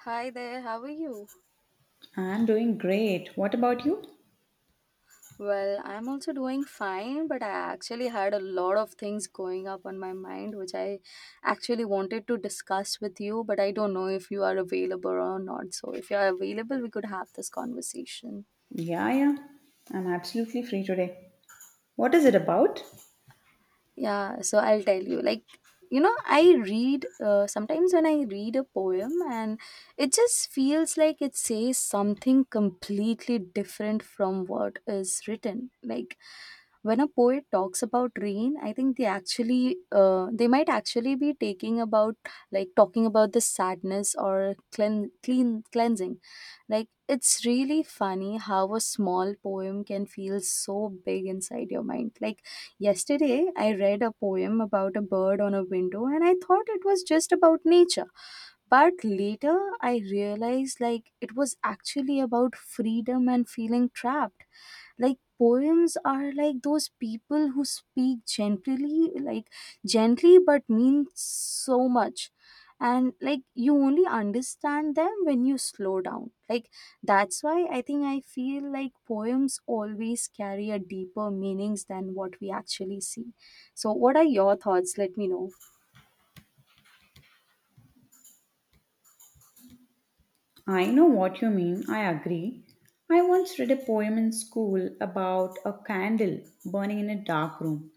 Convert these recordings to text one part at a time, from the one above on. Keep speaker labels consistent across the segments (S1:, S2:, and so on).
S1: Hi there, how are you?
S2: I'm doing great. What about you?
S1: Well, I'm also doing fine, but I actually had a lot of things going up on my mind which I actually wanted to discuss with you, but I don't know if you are available or not. So, if you are available, we could have this conversation.
S2: Yeah, yeah. I'm absolutely free today. What is it about?
S1: Yeah, so I'll tell you. Like, you know, I read, sometimes when I read a poem, and it just feels like it says something completely different from what is written. Like, when a poet talks about rain, I think they actually, they might actually be taking about, like, talking about the sadness or clean cleansing. Like, it's really funny how a small poem can feel so big inside your mind. Like, yesterday I read a poem about a bird on a window and I thought it was just about nature. But later I realized, like, it was actually about freedom and feeling trapped. Like poems are like those people who speak gently, like gently but mean so much, and like you only understand them when you slow down. Like, that's why I think I feel like poems always carry a deeper meanings than what we actually see. So what are your thoughts, let me know.
S2: I know what you mean. I agree. I once read a poem in school about a candle burning in a dark room.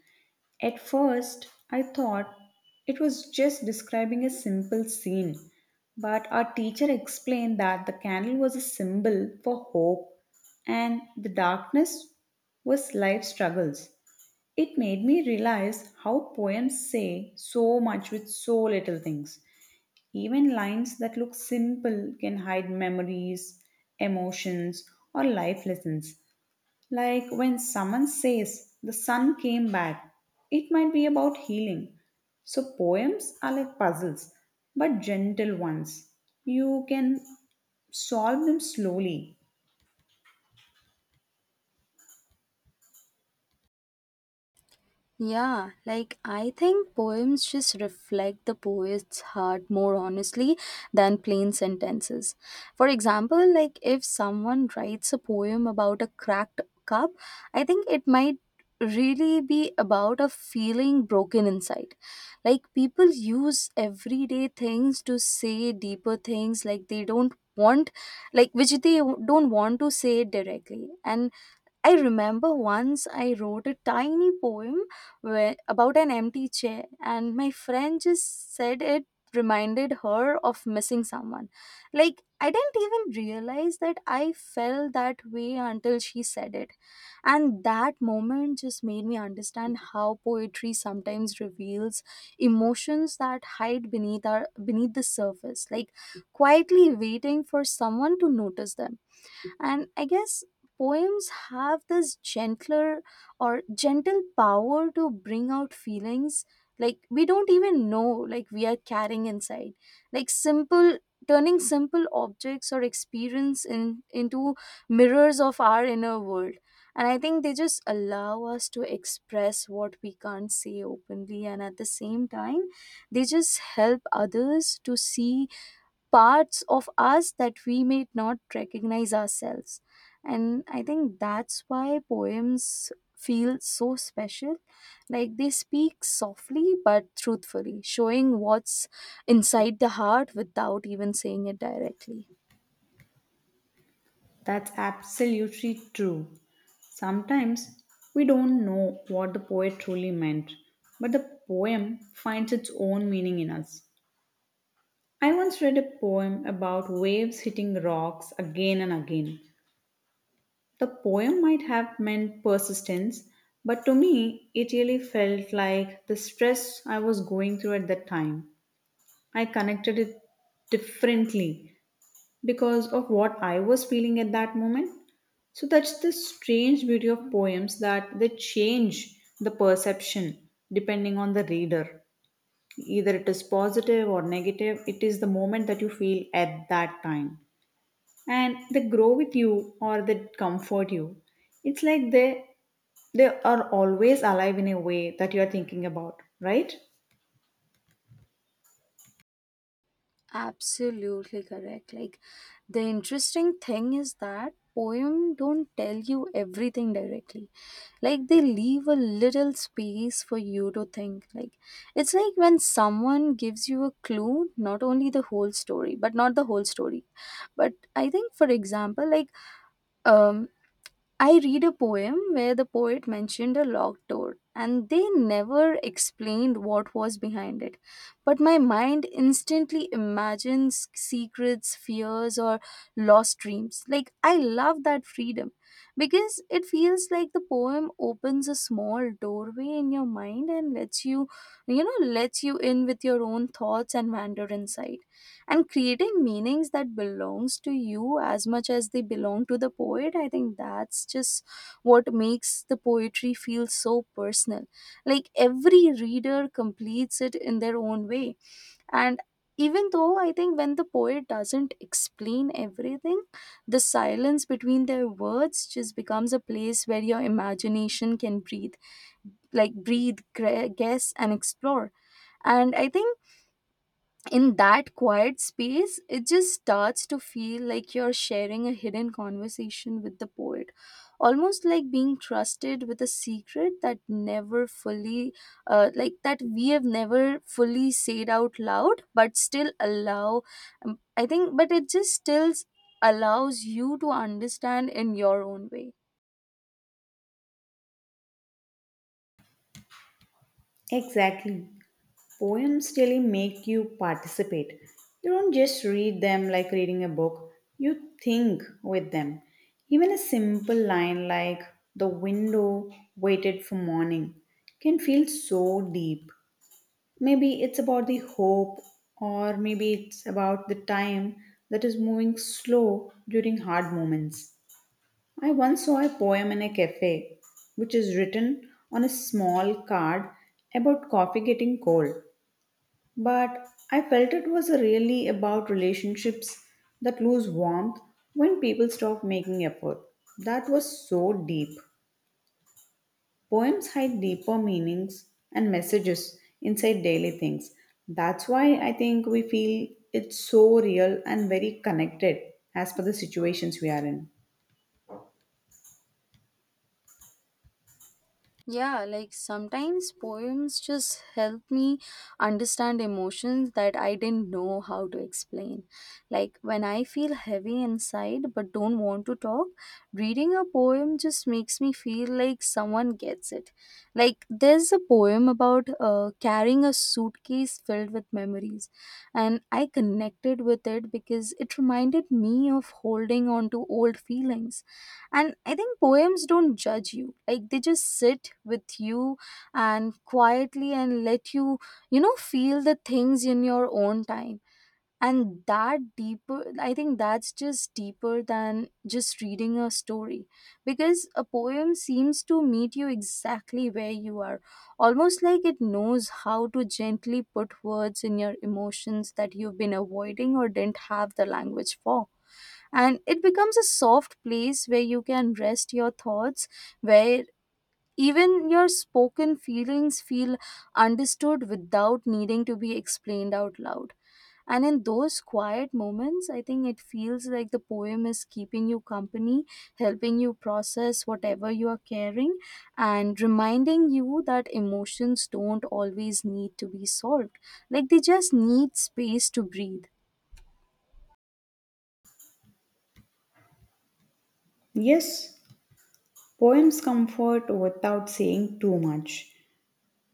S2: At first, I thought it was just describing a simple scene, but our teacher explained that the candle was a symbol for hope and the darkness was life struggles. It made me realize how poems say so much with so little things. Even lines that look simple can hide memories, emotions, or life lessons. Like when someone says, "The sun came back," it might be about healing. So, poems are like puzzles, but gentle ones. You can solve them slowly.
S1: Yeah, like I think poems just reflect the poet's heart more honestly than plain sentences. For example, like if someone writes a poem about a cracked cup, I think it might really be about a feeling broken inside. Like people use everyday things to say deeper things, like they don't want, like which they don't want to say directly. And I remember once I wrote a tiny poem where, about an empty chair, and my friend just said it reminded her of missing someone. Like, I didn't even realize that I felt that way until she said it. And that moment just made me understand how poetry sometimes reveals emotions that hide beneath, beneath the surface, like quietly waiting for someone to notice them. And I guess poems have this gentle power to bring out feelings like we don't even know, like we are carrying inside, like simple objects or experience in into mirrors of our inner world. And I think they just allow us to express what we can't say openly, and at the same time they just help others to see parts of us that we may not recognize ourselves. And I think that's why poems feel so special. Like they speak softly but truthfully, showing what's inside the heart without even saying it directly.
S2: That's absolutely true. Sometimes we don't know what the poet truly meant, but the poem finds its own meaning in us. I once read a poem about waves hitting rocks again and again. The poem might have meant persistence, but to me, it really felt like the stress I was going through at that time. I connected it differently because of what I was feeling at that moment. So that's the strange beauty of poems, that they change the perception depending on the reader. Either it is positive or negative, it is the moment that you feel at that time. And they grow with you or they comfort you. It's like they are always alive in a way that you are thinking about, right?
S1: Absolutely correct. Like the interesting thing is that poem don't tell you everything directly. Like they leave a little space for you to think. Like it's like when someone gives you a clue, not only the whole story, but not the whole story. But I think for example, like um I read a poem where the poet mentioned a locked door and they never explained what was behind it. But my mind instantly imagines secrets, fears, or lost dreams. Like, I love that freedom because it feels like the poem opens a small doorway in your mind and lets you in with your own thoughts and wander inside, and creating meanings that belongs to you as much as they belong to the poet. I think that's just what makes the poetry feel so personal, like every reader completes it in their own way. And even though, I think when the poet doesn't explain everything, the silence between their words just becomes a place where your imagination can breathe, like guess and explore. And I think in that quiet space, it just starts to feel like you're sharing a hidden conversation with the poet, almost like being trusted with a secret that never fully, like that we have never fully said out loud, but still allow. But it just still allows you to understand in your own way.
S2: Exactly. Poems really make you participate. You don't just read them like reading a book, you think with them. Even a simple line like, "the window waited for morning," can feel so deep. Maybe it's about the hope, or maybe it's about the time that is moving slow during hard moments. I once saw a poem in a cafe which is written on a small card about coffee getting cold. But I felt it was really about relationships that lose warmth when people stop making effort. That was so deep. Poems hide deeper meanings and messages inside daily things. That's why I think we feel it's so real and very connected as per the situations we are in.
S1: Yeah, like sometimes poems just help me understand emotions that I didn't know how to explain. Like when I feel heavy inside but don't want to talk, reading a poem just makes me feel like someone gets it. Like there's a poem about carrying a suitcase filled with memories, and I connected with it because it reminded me of holding on to old feelings. And I think poems don't judge you. Like they just sit with you and quietly and let you, you know, feel the things in your own time. And I think that's just deeper than just reading a story. Because a poem seems to meet you exactly where you are, almost like it knows how to gently put words in your emotions that you've been avoiding or didn't have the language for. And it becomes a soft place where you can rest your thoughts, where even your spoken feelings feel understood without needing to be explained out loud. And in those quiet moments, I think it feels like the poem is keeping you company, helping you process whatever you are carrying, and reminding you that emotions don't always need to be solved, like they just need space to breathe.
S2: Yes, poems comfort without saying too much.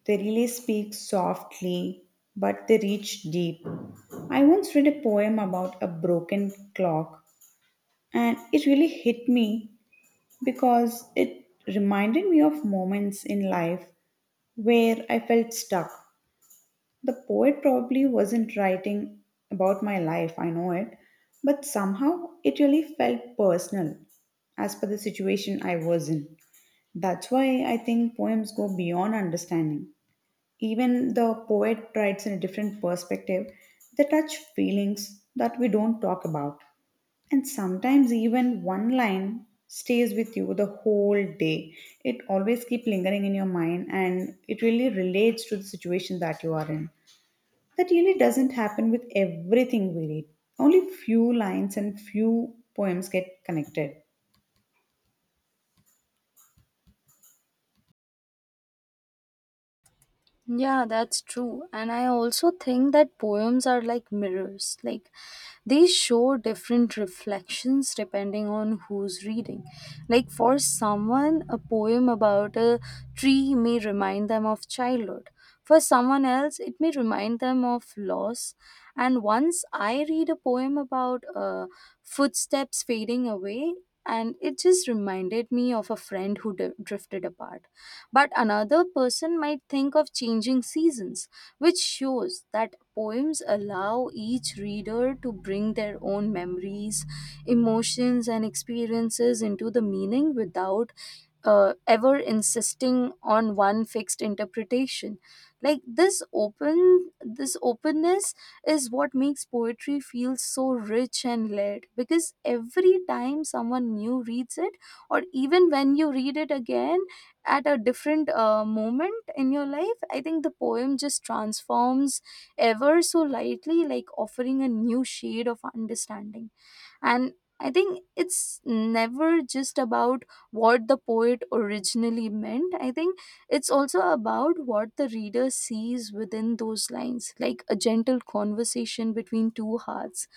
S2: They really speak softly, but they reach deep. I once read a poem about a broken clock, and it really hit me because it reminded me of moments in life where I felt stuck. The poet probably wasn't writing about my life, I know it, but somehow it really felt personal as per the situation I was in. That's why I think poems go beyond understanding. Even the poet writes in a different perspective. They touch feelings that we don't talk about. And sometimes even one line stays with you the whole day. It always keeps lingering in your mind and it really relates to the situation that you are in. That really doesn't happen with everything we read. Only few lines and few poems get connected.
S1: Yeah, that's true. And I also think that poems are like mirrors. Like they show different reflections depending on who's reading. Like for someone, a poem about a tree may remind them of childhood. For someone else, it may remind them of loss. And once I read a poem about footsteps fading away, and it just reminded me of a friend who drifted apart part. But another person might think of changing seasons, which shows that poems allow each reader to bring their own memories, emotions, and experiences into the meaning without ever insisting on one fixed interpretation. Like this openness is what makes poetry feel so rich and layered, because every time someone new reads it, or even when you read it again at a different moment in your life, I think the poem just transforms ever so lightly, like offering a new shade of understanding. And I think it's never just about what the poet originally meant. I think it's also about what the reader sees within those lines, like a gentle conversation between two hearts.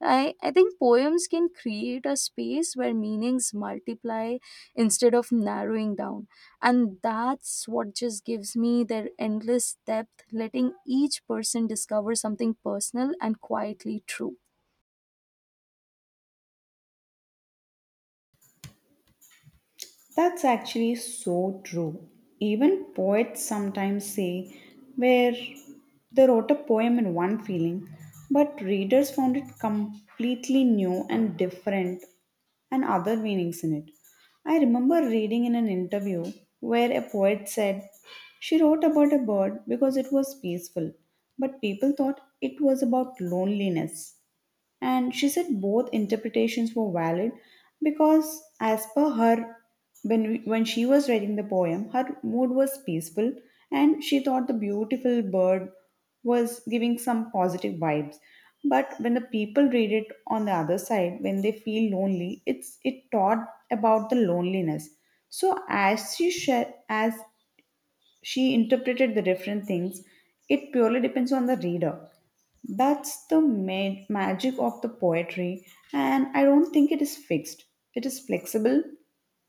S1: I think poems can create a space where meanings multiply instead of narrowing down. And that's what just gives me their endless depth, letting each person discover something personal and quietly true.
S2: That's actually so true. Even poets sometimes say where they wrote a poem in one feeling, but readers found it completely new and different and other meanings in it. I remember reading in an interview where a poet said she wrote about a bird because it was peaceful, but people thought it was about loneliness, and she said both interpretations were valid because, as per her, when she was writing the poem, her mood was peaceful and she thought the beautiful bird was giving some positive vibes, but when the people read it on the other side, when they feel lonely, it's it taught about the loneliness. So as she shared, as she interpreted the different things. It purely depends on the reader. That's the magic of the poetry, and I don't think it is fixed. It is flexible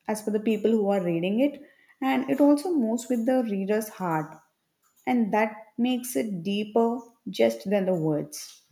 S2: as per the people who are reading it, and it also moves with the reader's heart, and that makes it deeper just than the words.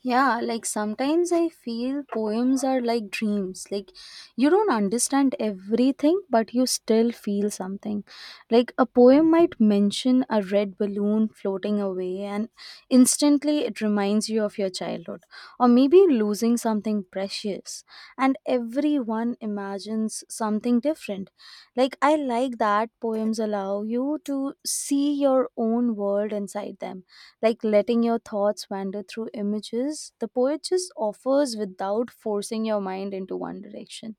S1: Yeah, like sometimes I feel poems are like dreams. Like you don't understand everything, but you still feel something. Like a poem might mention a red balloon floating away, and instantly it reminds you of your childhood, or maybe losing something precious. And everyone imagines something different. Like I like that poems allow you to see your own world inside them, like letting your thoughts wander through images. The poet just offers without forcing your mind into one direction.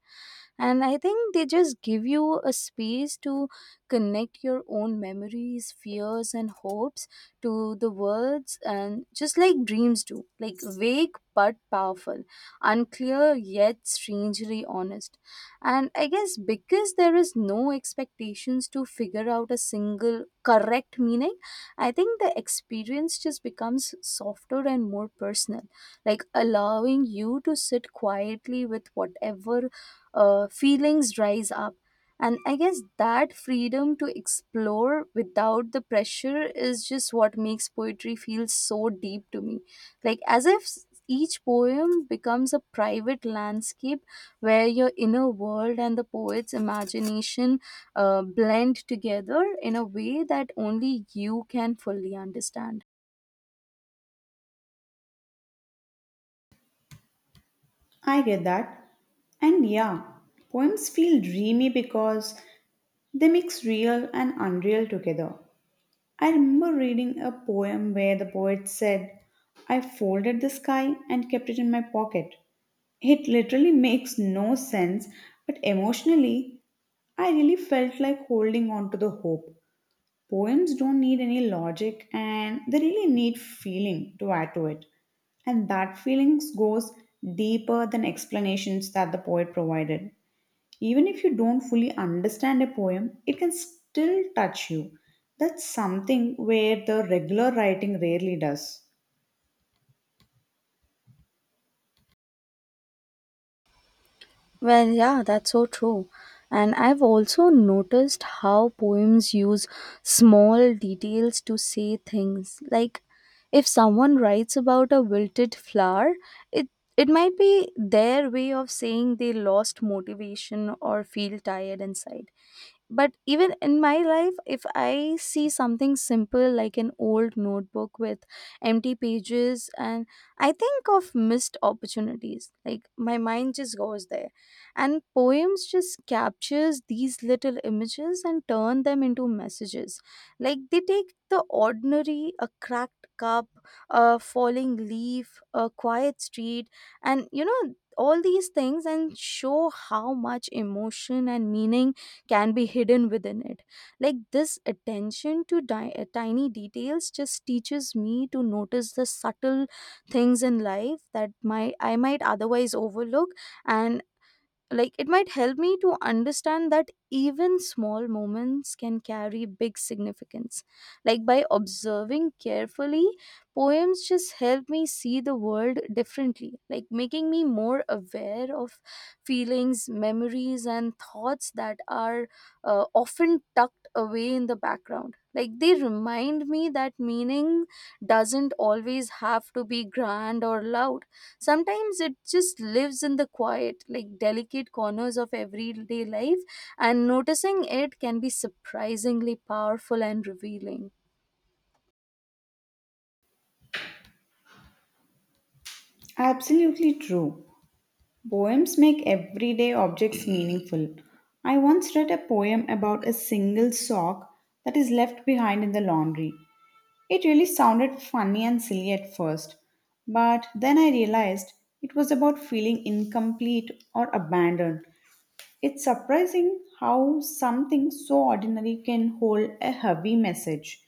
S1: And I think they just give you a space to connect your own memories, fears and hopes to the words, and just like dreams do, like vague but powerful, unclear yet strangely honest. And I guess because there is no expectations to figure out a single correct meaning, I think the experience just becomes softer and more personal, like allowing you to sit quietly with whatever feelings rise up. And I guess that freedom to explore without the pressure is just what makes poetry feel so deep to me. Like, as if each poem becomes a private landscape where your inner world and the poet's imagination blend together in a way that only you can fully understand.
S2: I get that. And yeah, poems feel dreamy because they mix real and unreal together. I remember reading a poem where the poet said, "I folded the sky and kept it in my pocket." It literally makes no sense, but emotionally, I really felt like holding on to the hope. Poems don't need any logic and they really need feeling to add to it. And that feeling goes deeper than explanations that the poet provided. Even if you don't fully understand a poem, it can still touch you. That's something where the regular writing rarely does.
S1: Well, yeah, that's so true. And I've also noticed how poems use small details to say things. Like if someone writes about a wilted flower, it it might be their way of saying they lost motivation or feel tired inside. But even in my life, if I see something simple like an old notebook with empty pages, and I think of missed opportunities, like my mind just goes there. And poems just captures these little images and turn them into messages. Like they take the ordinary, a cracked cup, a falling leaf, a quiet street, and you know all these things and show how much emotion and meaning can be hidden within it. Like this attention to tiny details just teaches me to notice the subtle things in life that my I might otherwise overlook and like it might help me to understand that even small moments can carry big significance, like by observing carefully. Poems just help me see the world differently, like making me more aware of feelings, memories, and thoughts that are often tucked away in the background. Like they remind me that meaning doesn't always have to be grand or loud. Sometimes it just lives in the quiet, like delicate corners of everyday life, and noticing it can be surprisingly powerful and revealing.
S2: Absolutely true. Poems make everyday objects meaningful. I once read a poem about a single sock that is left behind in the laundry. It really sounded funny and silly at first, but then I realized it was about feeling incomplete or abandoned. It's surprising how something so ordinary can hold a heavy message.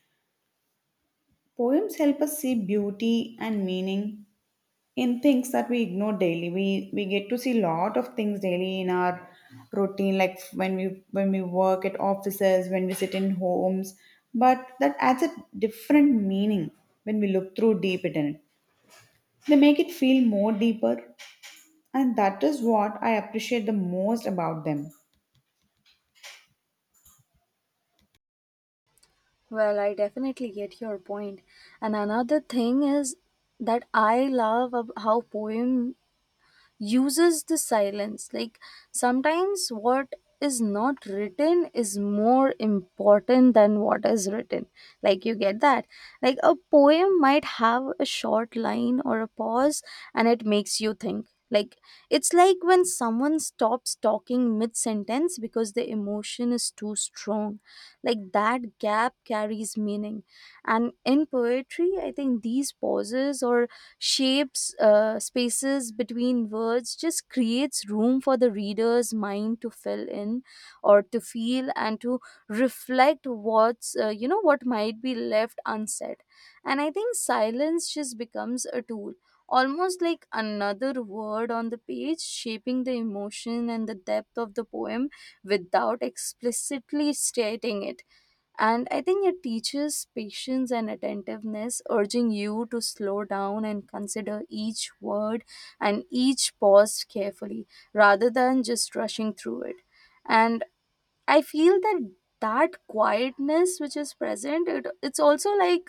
S2: Poems help us see beauty and meaning in things that we ignore daily. We get to see lot of things daily in our routine, like when we work at offices, when we sit in homes. But that adds a different meaning when we look through deep in it. They make it feel more deeper, and that is what I appreciate the most about them.
S1: Well, I definitely get your point. And another thing is that I love how poem uses the silence. Like sometimes what is not written is more important than what is written, like you get that. Like a poem might have a short line or a pause and it makes you think. Like it's like when someone stops talking mid sentence because the emotion is too strong, like that gap carries meaning. And in poetry, I think these pauses or shapes spaces between words just creates room for the reader's mind to fill in or to feel and to reflect what's what might be left unsaid. And I think silence just becomes a tool, almost like another word on the page, shaping the emotion and the depth of the poem without explicitly stating it. And I think it teaches patience and attentiveness, urging you to slow down and consider each word and each pause carefully rather than just rushing through it. And I feel that that quietness which is present, it's also like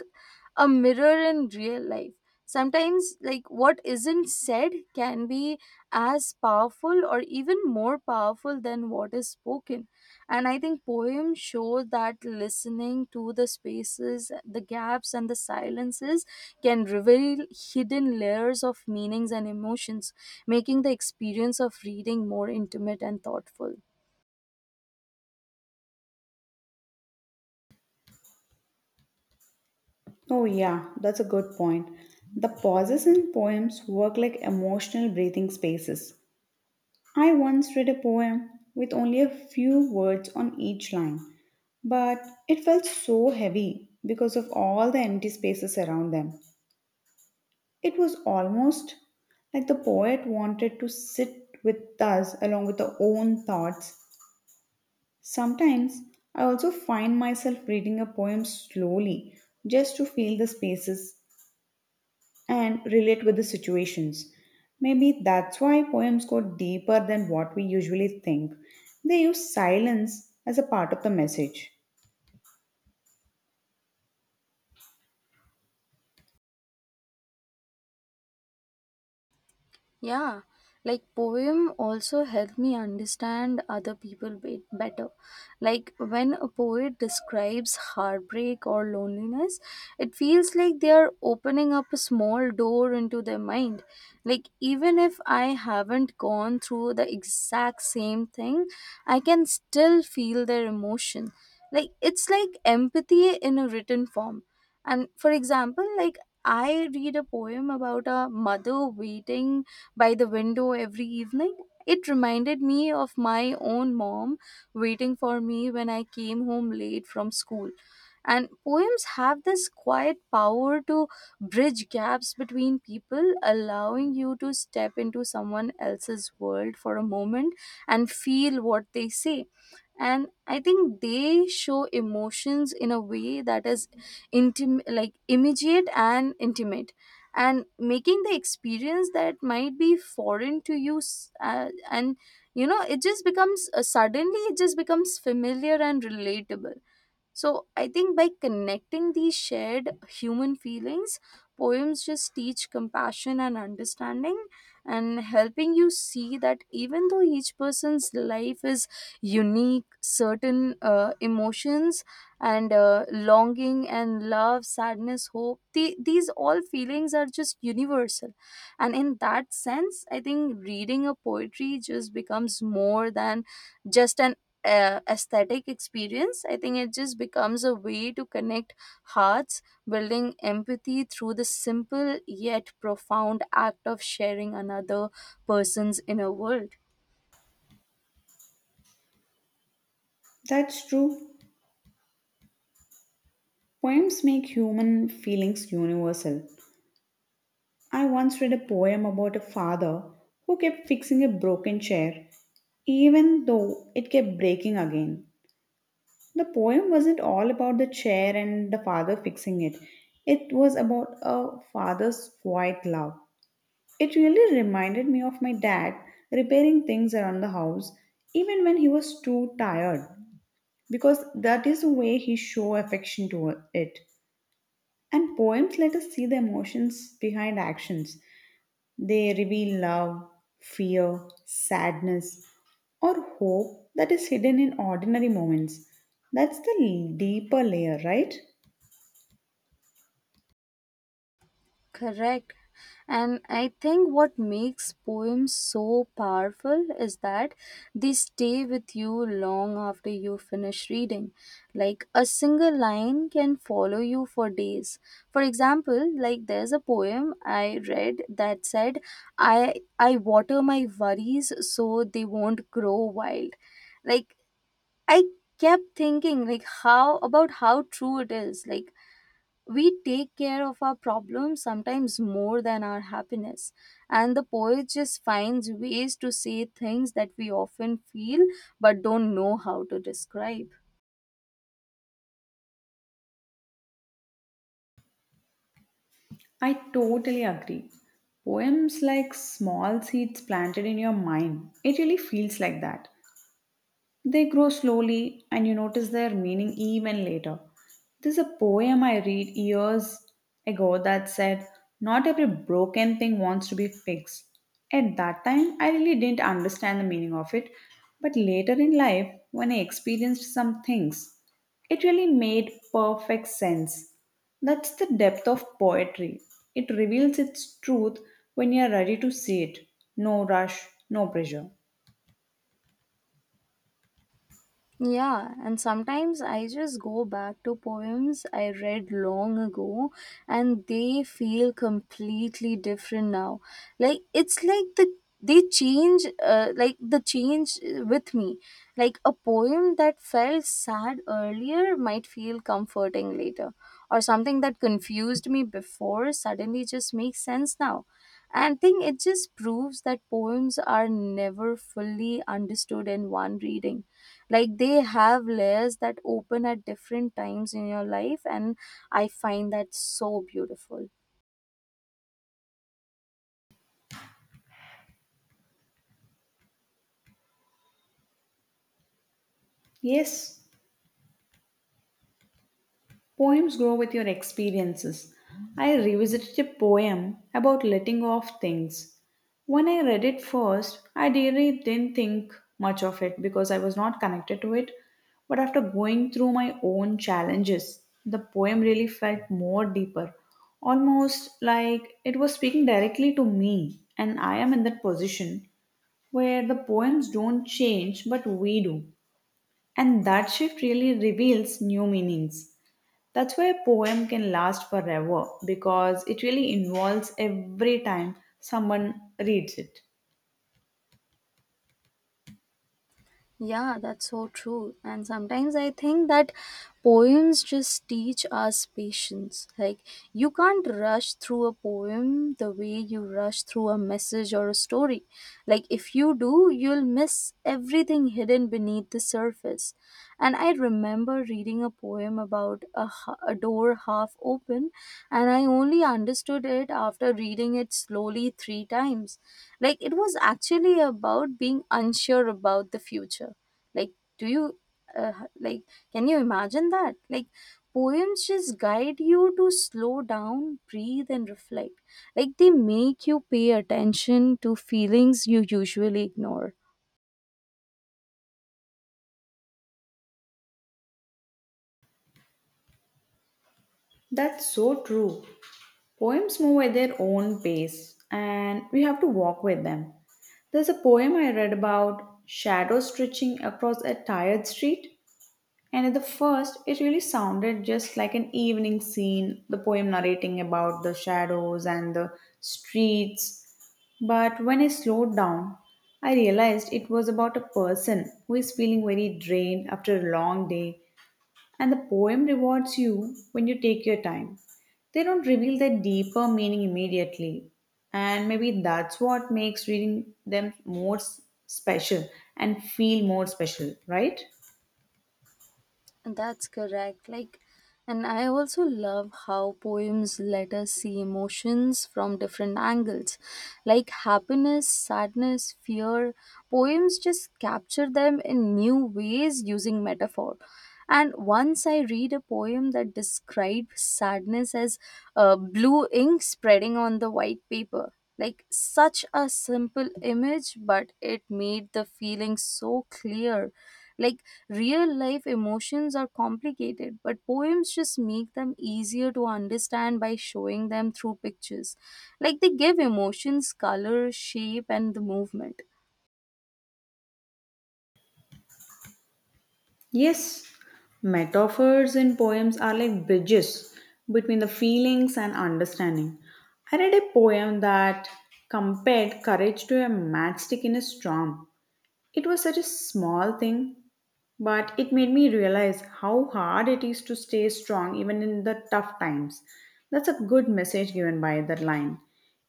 S1: a mirror in real life. Sometimes, like what isn't said can be as powerful or even more powerful than what is spoken. And I think poems show that listening to the spaces, the gaps, and the silences can reveal hidden layers of meanings and emotions, making the experience of reading more intimate and thoughtful.
S2: Oh, yeah, that's a good point. The pauses in poems work like emotional breathing spaces. I once read a poem with only a few words on each line, but it felt so heavy because of all the empty spaces around them. It was almost like the poet wanted to sit with us along with our own thoughts. Sometimes I also find myself reading a poem slowly just to feel the spaces and relate with the situations. Maybe that's why poems go deeper than what we usually think. They use silence as a part of the message.
S1: Yeah, like poem also helped me understand other people better. Like when a poet describes heartbreak or loneliness, it feels like they are opening up a small door into their mind. Like even if I haven't gone through the exact same thing, I can still feel their emotion. Like it's like empathy in a written form. And for example, like I read a poem about a mother waiting by the window every evening. It reminded me of my own mom waiting for me when I came home late from school. And poems have this quiet power to bridge gaps between people, allowing you to step into someone else's world for a moment and feel what they say. And I think they show emotions in a way that is like immediate and intimate, and making the experience that might be foreign to you and it just becomes suddenly it just becomes familiar and relatable. So I think by connecting these shared human feelings, poems just teach compassion and understanding, and helping you see that even though each person's life is unique, certain emotions and longing and love, sadness, hope, these all feelings are just universal. And in that sense, I think reading a poetry just becomes more than just an aesthetic experience. I think it just becomes a way to connect hearts, building empathy through the simple yet profound act of sharing another person's inner world.
S2: That's true. Poems make human feelings universal. I once read a poem about a father who kept fixing a broken chair even though it kept breaking again. The poem wasn't all about the chair and the father fixing it. It was about a father's quiet love. It really reminded me of my dad repairing things around the house even when he was too tired, because that is the way he show affection to it. And poems let us see the emotions behind actions. They reveal love, fear, sadness, or hope that is hidden in ordinary moments. That's the deeper layer, right?
S1: Correct. And I think what makes poems so powerful is that they stay with you long after you finish reading. Like a single line can follow you for days. For example, like there's a poem I read that said, I water my worries so they won't grow wild. Like I kept thinking like how about how true it is. Like we take care of our problems sometimes more than our happiness, and the poet just finds ways to say things that we often feel but don't know how to describe.
S2: I totally agree. Poems like small seeds planted in your mind. It really feels like that. They grow slowly and you notice their meaning even later. There's a poem I read years ago that said, "Not every broken thing wants to be fixed." At that time, I really didn't understand the meaning of it, but later in life, when I experienced some things, it really made perfect sense. That's the depth of poetry. It reveals its truth when you are ready to see it. No rush, no pressure.
S1: Yeah, and sometimes I just go back to poems I read long ago and they feel completely different now. Like it's like they change with me. Like a poem that felt sad earlier might feel comforting later, or something that confused me before suddenly just makes sense now. And I think it just proves that poems are never fully understood in one reading. Like they have layers that open at different times in your life, and I find that so beautiful.
S2: Yes, poems grow with your experiences. I revisited a poem about letting go of things. When I read it first, I really didn't think much of it because I was not connected to it. But after going through my own challenges, the poem really felt more deeper, almost like it was speaking directly to me, and I am in that position where the poems don't change but we do. And that shift really reveals new meanings. That's why a poem can last forever, because it really involves every time someone reads it.
S1: Yeah, that's so true. And sometimes I think that poems just teach us patience. Like, you can't rush through a poem the way you rush through a message or a story. Like, if you do, you'll miss everything hidden beneath the surface. And I remember reading a poem about a door half open, and I only understood it after reading it slowly three times. Like it was actually about being unsure about the future. Like, do you, uh, like, can you imagine that? Like, poems just guide you to slow down, breathe, and reflect. Like, they make you pay attention to feelings you usually ignore.
S2: That's so true. Poems move at their own pace and we have to walk with them. There's a poem I read about shadows stretching across a tired street. And at the first, it really sounded just like an evening scene, the poem narrating about the shadows and the streets. But when I slowed down, I realized it was about a person who is feeling very drained after a long day, and the poem rewards you when you take your time. They don't reveal their deeper meaning immediately, and maybe that's what makes reading them more special and feel more special, right?
S1: That's correct. Like, and I also love how poems let us see emotions from different angles, like happiness, sadness, fear. Poems just capture them in new ways using metaphor. And once I read a poem that describes sadness as blue ink spreading on the white paper, like such a simple image, but it made the feeling so clear. Like real life emotions are complicated, but poems just make them easier to understand by showing them through pictures. Like they give emotions color, shape, and the movement.
S2: Yes, metaphors in poems are like bridges between the feelings and understanding. I read a poem that compared courage to a matchstick in a storm. It was such a small thing, but it made me realize how hard it is to stay strong even in the tough times. That's a good message given by that line.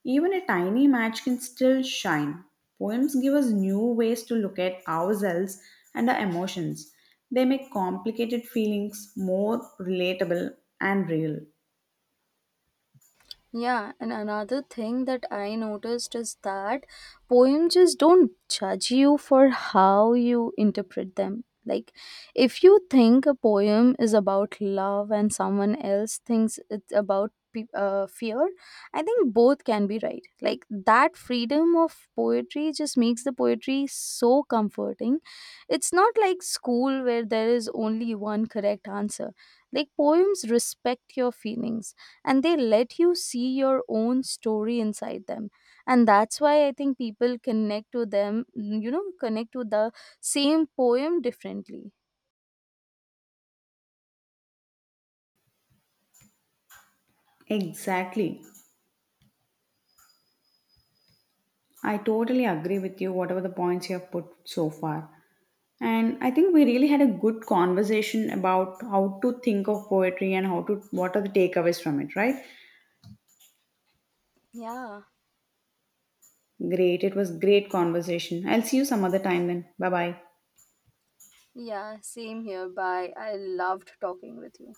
S2: Even a tiny match can still shine. Poems give us new ways to look at ourselves and our emotions. They make complicated feelings more relatable and real.
S1: Yeah, and another thing that I noticed is that poems just don't judge you for how you interpret them. Like, if you think a poem is about love and someone else thinks it's about fear, I think both can be right. Like, that freedom of poetry just makes the poetry so comforting. It's not like school where there is only one correct answer. Like poems respect your feelings and they let you see your own story inside them. And that's why I think people connect to them, connect to the same poem differently.
S2: Exactly. I totally agree with you, whatever the points you have put so far. And I think we really had a good conversation about how to think of poetry and how to, what are the takeaways from it, right?
S1: Yeah,
S2: Great. It was great conversation. I'll see you some other time then. Bye bye.
S1: yeah, same here. Bye. I loved talking with you.